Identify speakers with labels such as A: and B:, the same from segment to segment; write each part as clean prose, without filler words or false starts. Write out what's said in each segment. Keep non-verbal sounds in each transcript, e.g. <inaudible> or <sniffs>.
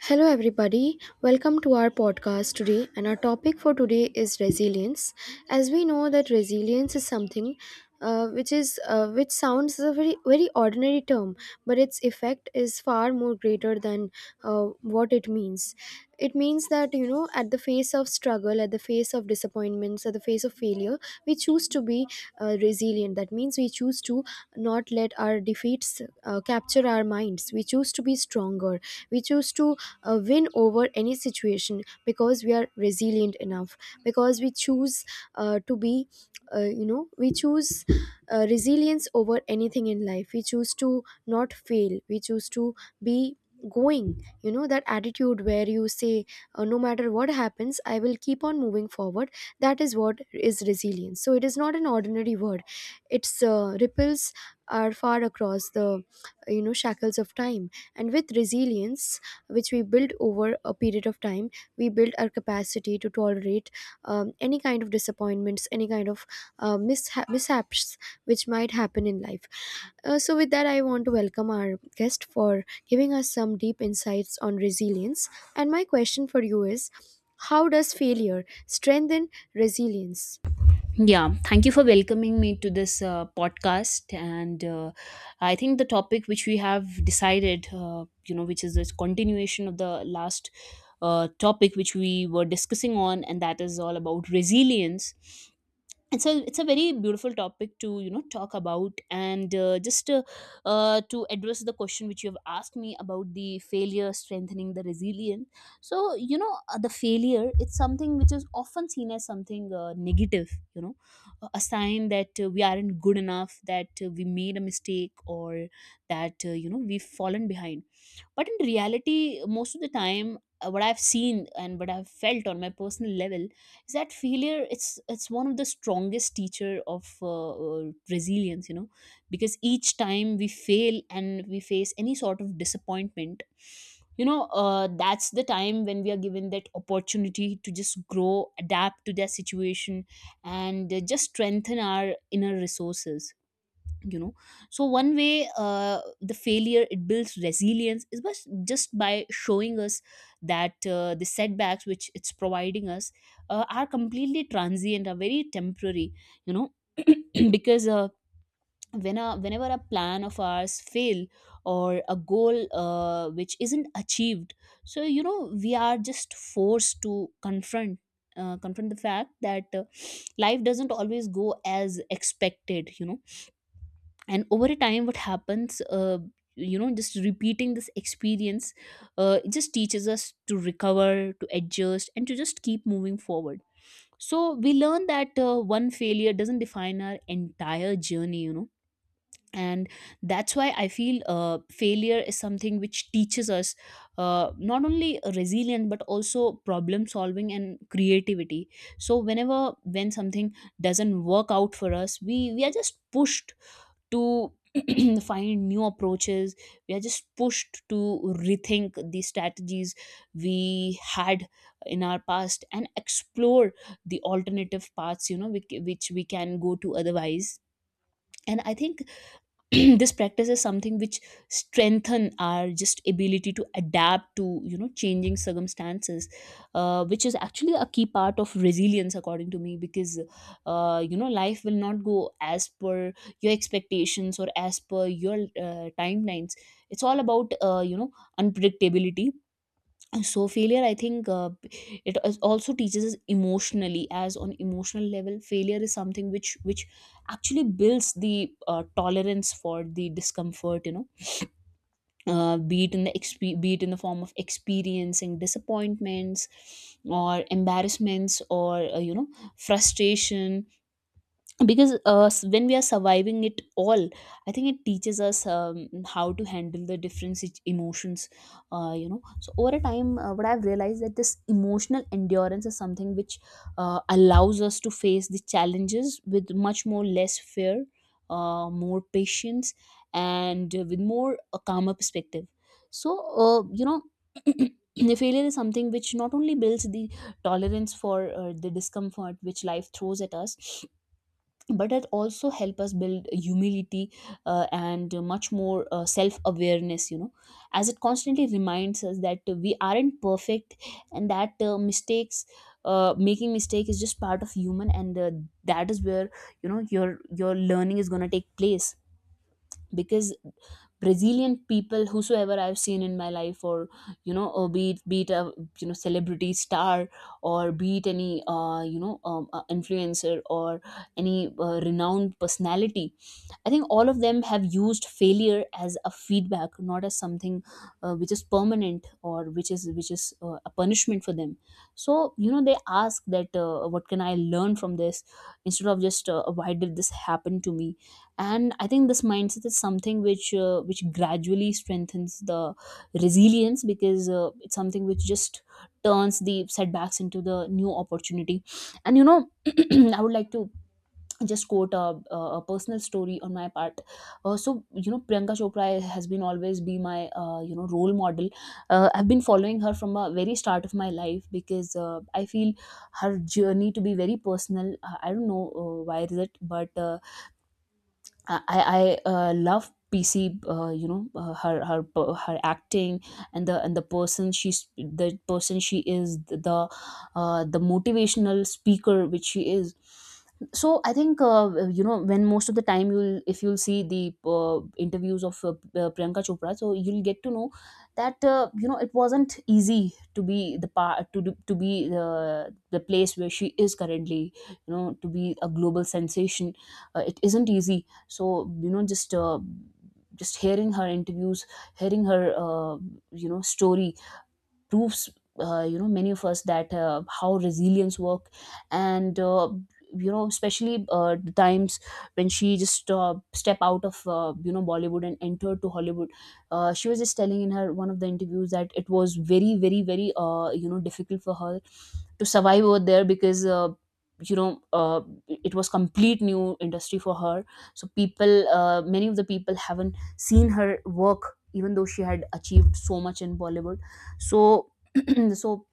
A: Hello, everybody. Welcome to our podcast today. And our topic for today is resilience. As we know that resilience is something which is which sounds a very very ordinary term, but its effect is far more greater than what it means. It means that you know, at the face of struggle, at the face of disappointments, at the face of failure, we choose to be resilient. That means we choose to not let our defeats capture our minds. We choose to be stronger. We choose to win over any situation because we are resilient enough, because we choose to be we choose resilience over anything in life. We choose to not fail, we choose to be going, you know, that attitude where you say no matter what happens, I will keep on moving forward. That is what is resilience. So it is not an ordinary word. Its ripples are far across the, you know, shackles of time. And with resilience, which we build over a period of time, we build our capacity to tolerate any kind of disappointments, any kind of mishaps which might happen in life. So with that I want to welcome our guest for giving us some deep insights on resilience. And my question for you is, how does failure strengthen resilience?
B: Yeah, thank you for welcoming me to this podcast. And I think the topic which we have decided, which is this continuation of the last topic which we were discussing on, and that is all about resilience. It's a very beautiful topic to talk about and just to address the question which you have asked me about the failure strengthening the resilience. The failure, it's something which is often seen as something negative, you know, a sign that we aren't good enough, that we made a mistake, or that we've fallen behind. But in reality, most of the time, what I've seen and what I've felt on my personal level is that failure, it's one of the strongest teacher of resilience, you know, because each time we fail and we face any sort of disappointment, that's the time when we are given that opportunity to just grow, adapt to their situation, and just strengthen our inner resources, you know. So one way the failure it builds resilience is just by showing us that the setbacks which it's providing us are completely transient, are very temporary, you know. <clears throat> Because whenever a plan of ours fail, or a goal which isn't achieved, so you know we are just forced to confront confront the fact that <sniffs> life doesn't always go as expected, you know. And over a time what happens, just repeating this experience, it just teaches us to recover, to adjust, and to just keep moving forward. So we learn that one failure doesn't define our entire journey, you know. And that's why I feel failure is something which teaches us not only resilience but also problem solving and creativity. So whenever, when something doesn't work out for us, we are just pushed to <clears throat> find new approaches. We are just pushed to rethink the strategies we had in our past and explore the alternative paths, you know, which we can go to otherwise. And I think <clears throat> this practice is something which strengthen our just ability to adapt to, you know, changing circumstances, which is actually a key part of resilience according to me, because life will not go as per your expectations or as per your timelines. It's all about unpredictability. So failure, I think, also teaches us emotionally, as on emotional level failure is something which actually builds the tolerance for the discomfort, you know, be it in the form of experiencing disappointments or embarrassments or frustration. Because when we are surviving it all, I think it teaches us how to handle the different emotions, so over a time what I've realized that this emotional endurance is something which allows us to face the challenges with much more less fear, more patience, and with more a calmer perspective. So uh, you know <clears throat> the failure is something which not only builds the tolerance for the discomfort which life throws at us, but it also help us build humility and much more self awareness, you know, as it constantly reminds us that we aren't perfect, and that mistakes, making mistake is just part of human, and that is where, you know, your learning is going to take place. Because brazilian people whosoever I've seen in my life, or you know, or be it a, you know, celebrity star, or be it any influencer, or any renowned personality, I think all of them have used failure as a feedback, not as something which is permanent, or which is a punishment for them. So you know they ask that what can I learn from this, instead of just why did this happen to me. And I think this mindset is something which gradually strengthens the resilience, because it's something which just turns the setbacks into the new opportunity. And you know <clears throat> I would like to just quote a personal story on my part. So, Priyanka Chopra has been always be my, role model. I've been following her from a very start of my life, because I feel her journey to be very personal. I don't know why is it, but uh, love PC. Her acting, and the person she is, the motivational speaker which she is. So I think when most of the time you'll if you'll see the interviews of Priyanka Chopra, so you'll get to know that it wasn't easy to be the part to be the place where she is currently. You know, to be a global sensation, it isn't easy, so you know just hearing her interviews, hearing her story, proves you know many of us that how resilience work. And especially the times when she just step out of Bollywood and entered to Hollywood, she was just telling in her one of the interviews that it was very, very, very difficult for her to survive over there, because you know uh, it was complete new industry for her. So people, many of the people haven't seen her work, even though she had achieved so much in Bollywood. So <clears throat> so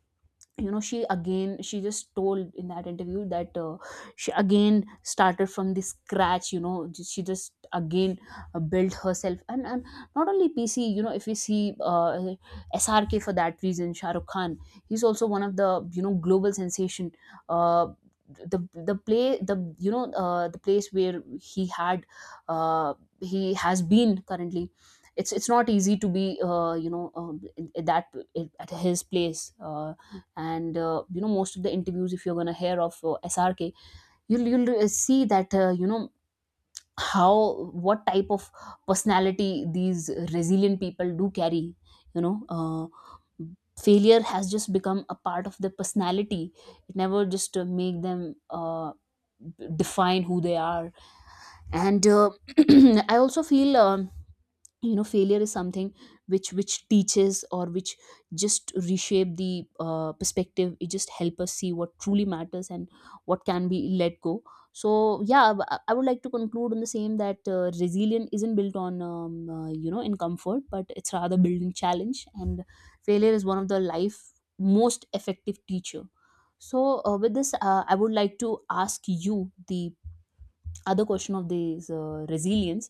B: you know she again, she just told in that interview that she again started from the scratch, you know, she just again built herself. And not only PC, you know, if we see SRK, for that reason, Shah Rukh Khan, he's also one of the, you know, global sensation. Uh, the the play the you know the place where he had uh, he has been currently, it's not easy to be in that, at his place. And most of the interviews, if you're going to hear of SRK, you'll see that how what type of personality these resilient people do carry, you know. Failure has just become a part of their personality. It never just make them define who they are. And <clears throat> I also feel failure is something which teaches, or which just reshape the perspective. It just help us see what truly matters, and what can be let go. So yeah, I would like to conclude on the same, that resilience isn't built on in comfort, but it's rather built in challenge, and failure is one of the life most effective teacher. So with this I would like to ask you the other question of this resilience.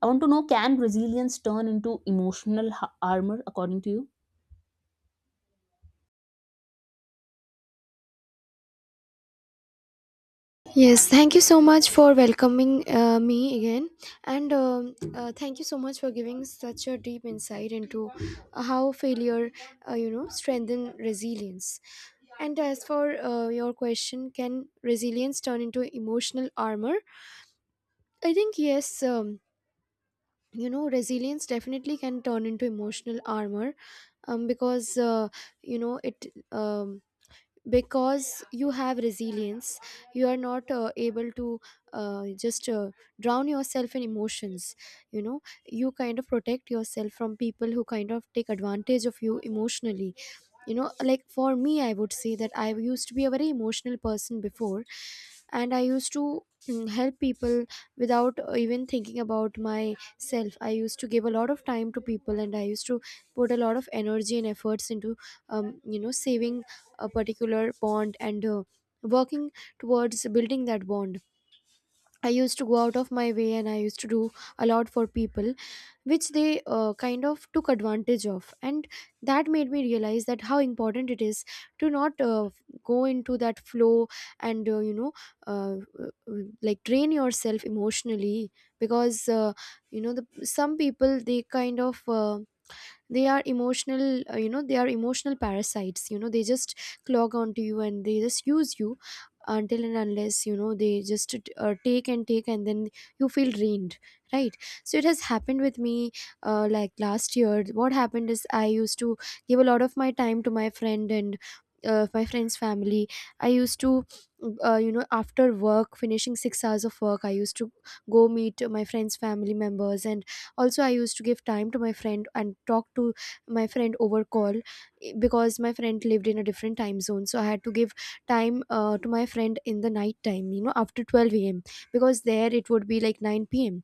B: I want to know, can resilience turn into emotional armor, according to you?
A: Yes, thank you so much for welcoming me again, and thank you so much for giving such a deep insight into how failure, strengthen resilience. And as for your question, can resilience turn into emotional armor? I think yes. You know, resilience definitely can turn into emotional armor, because you know it. Um, because you have resilience you are not able to just drown yourself in emotions, you know. You kind of protect yourself from people who kind of take advantage of you emotionally, you know. Like for me, I would say that I used to be a very emotional person before, and I used to help people without even thinking about myself. I used to give a lot of time to people, and I used to put a lot of energy and efforts into you know saving a particular bond and working towards building that bond. I used to go out of my way and I used to do a lot for people, which they kind of took advantage of. And that made me realize that how important it is to not go into that flow and, uh, uh, like drain yourself emotionally because, you know, some people, they kind of. They are emotional, they are emotional parasites, you know. They just clog onto you and they just use you, until and unless, you know, they just take and take, and then you feel drained, right? So it has happened with me. Like last year what happened is I used to give a lot of my time to my friend and my friend's family. I used to you know, after work finishing 6 hours of work, I used to go meet my friend's family members, and also I used to give time to my friend and talk to my friend over call, because my friend lived in a different time zone. So I had to give time to my friend in the night time, you know, after 12 a.m., because there it would be like 9 p.m.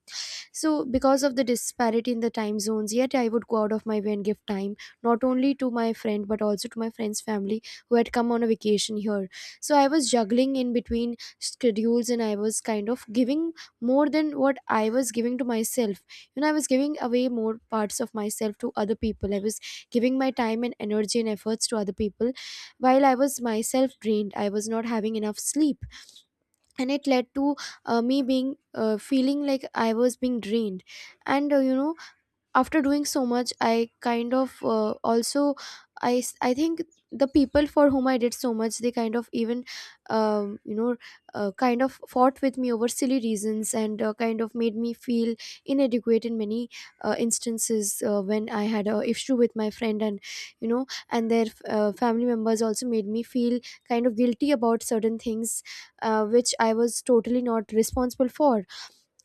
A: So, because of the disparity in the time zones, yet I would go out of my way and give time not only to my friend but also to my friend's family, who had come on a vacation here. So, I was juggling in between schedules and I was kind of giving more than what I was giving to myself. You know, I was giving away more parts of myself to other people. I was giving my time and energy and efforts to other people while I was myself drained. I was not having enough sleep, and it led to me being feeling like I was being drained. And you know, after doing so much, I kind of also, I think the people for whom I did so much, they kind of even um, you know kind of fought with me over silly reasons and kind of made me feel inadequate in many instances when I had a issue with my friend. And you know, and their family members also made me feel kind of guilty about certain things which I was totally not responsible for.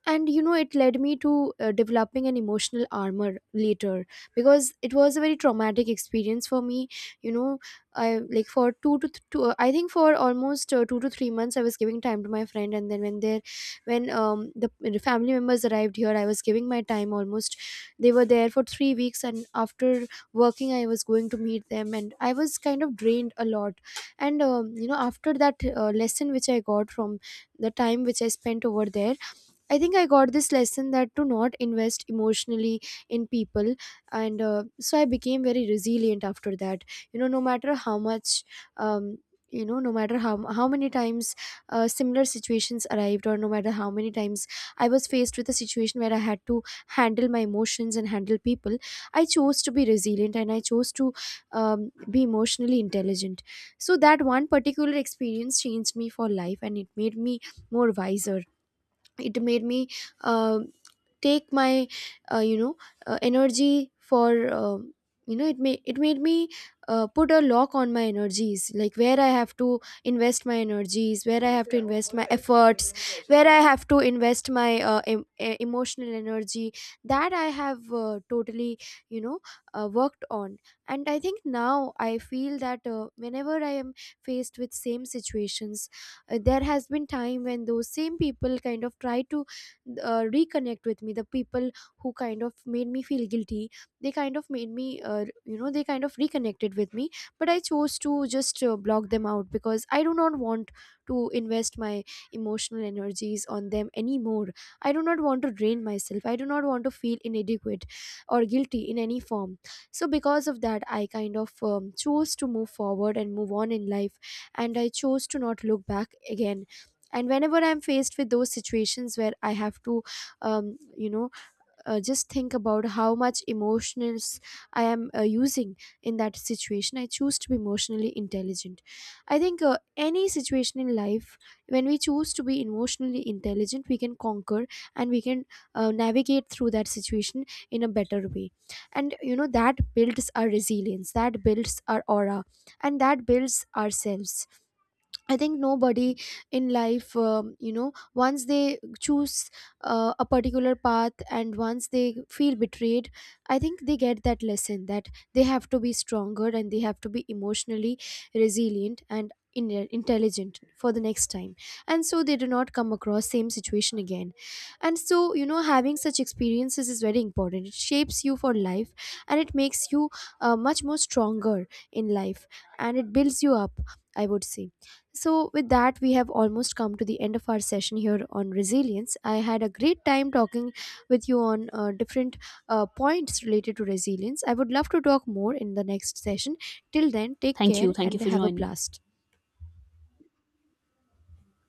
A: And you know, it led me to developing an emotional armor later, because it was a very traumatic experience for me, you know. I, like, for 2 to th- two, uh, I think for almost 2 to 3 months I was giving time to my friend, and then when there, when the family members arrived here, I was giving my time almost. They were there for 3 weeks, and after working I was going to meet them, and I was kind of drained a lot. And you know, after that lesson which I got from the time which I spent over there, I think I got this lesson that to not invest emotionally in people, and so I became very resilient after that. You know, no matter how much, um, no matter how many times similar situations arrived, or no matter how many times I was faced with a situation where I had to handle my emotions and handle people, I chose to be resilient and I chose to be emotionally intelligent. So that one particular experience changed me for life, and it made me more wiser. It made me uh, take my uh, you know energy for you know, it made me put a lock on my energies, like where I have to invest my energies, where I have to invest my efforts, where I have to invest my emotional energy, that I have totally, you know, worked on. And I think now I feel that whenever I am faced with same situations, there has been time when those same people kind of try to reconnect with me. The people who kind of made me feel guilty, they kind of made me they kind of reconnected with me, but I chose to just block them out, because I do not want to invest my emotional energies on them anymore. I do not want to drain myself, I do not want to feel inadequate or guilty in any form. So because of that I kind of chose to move forward and move on in life, and I chose to not look back again. And whenever I'm faced with those situations where I have to um, you know just think about how much emotions I am using in that situation, I choose to be emotionally intelligent. I think any situation in life, when we choose to be emotionally intelligent, we can conquer, and we can navigate through that situation in a better way. And you know, that builds our resilience, that builds our aura, and that builds ourselves. I think nobody in life, once they choose a particular path and once they feel betrayed, I think they get that lesson that they have to be stronger and they have to be emotionally resilient and intelligent for the next time, and so they do not come across same situation again. And so, you know, having such experiences is very important. It shapes you for life, and it makes you much more stronger in life, and it builds you up, I would say. So, with that, we have almost come to the end of our session here on resilience. I had a great time talking with you on different points related to resilience. I would love to talk more in the next session. Till then, take
B: Thank
A: care
B: you. Thank you
A: and
B: for
A: have a
B: joining.
A: blast.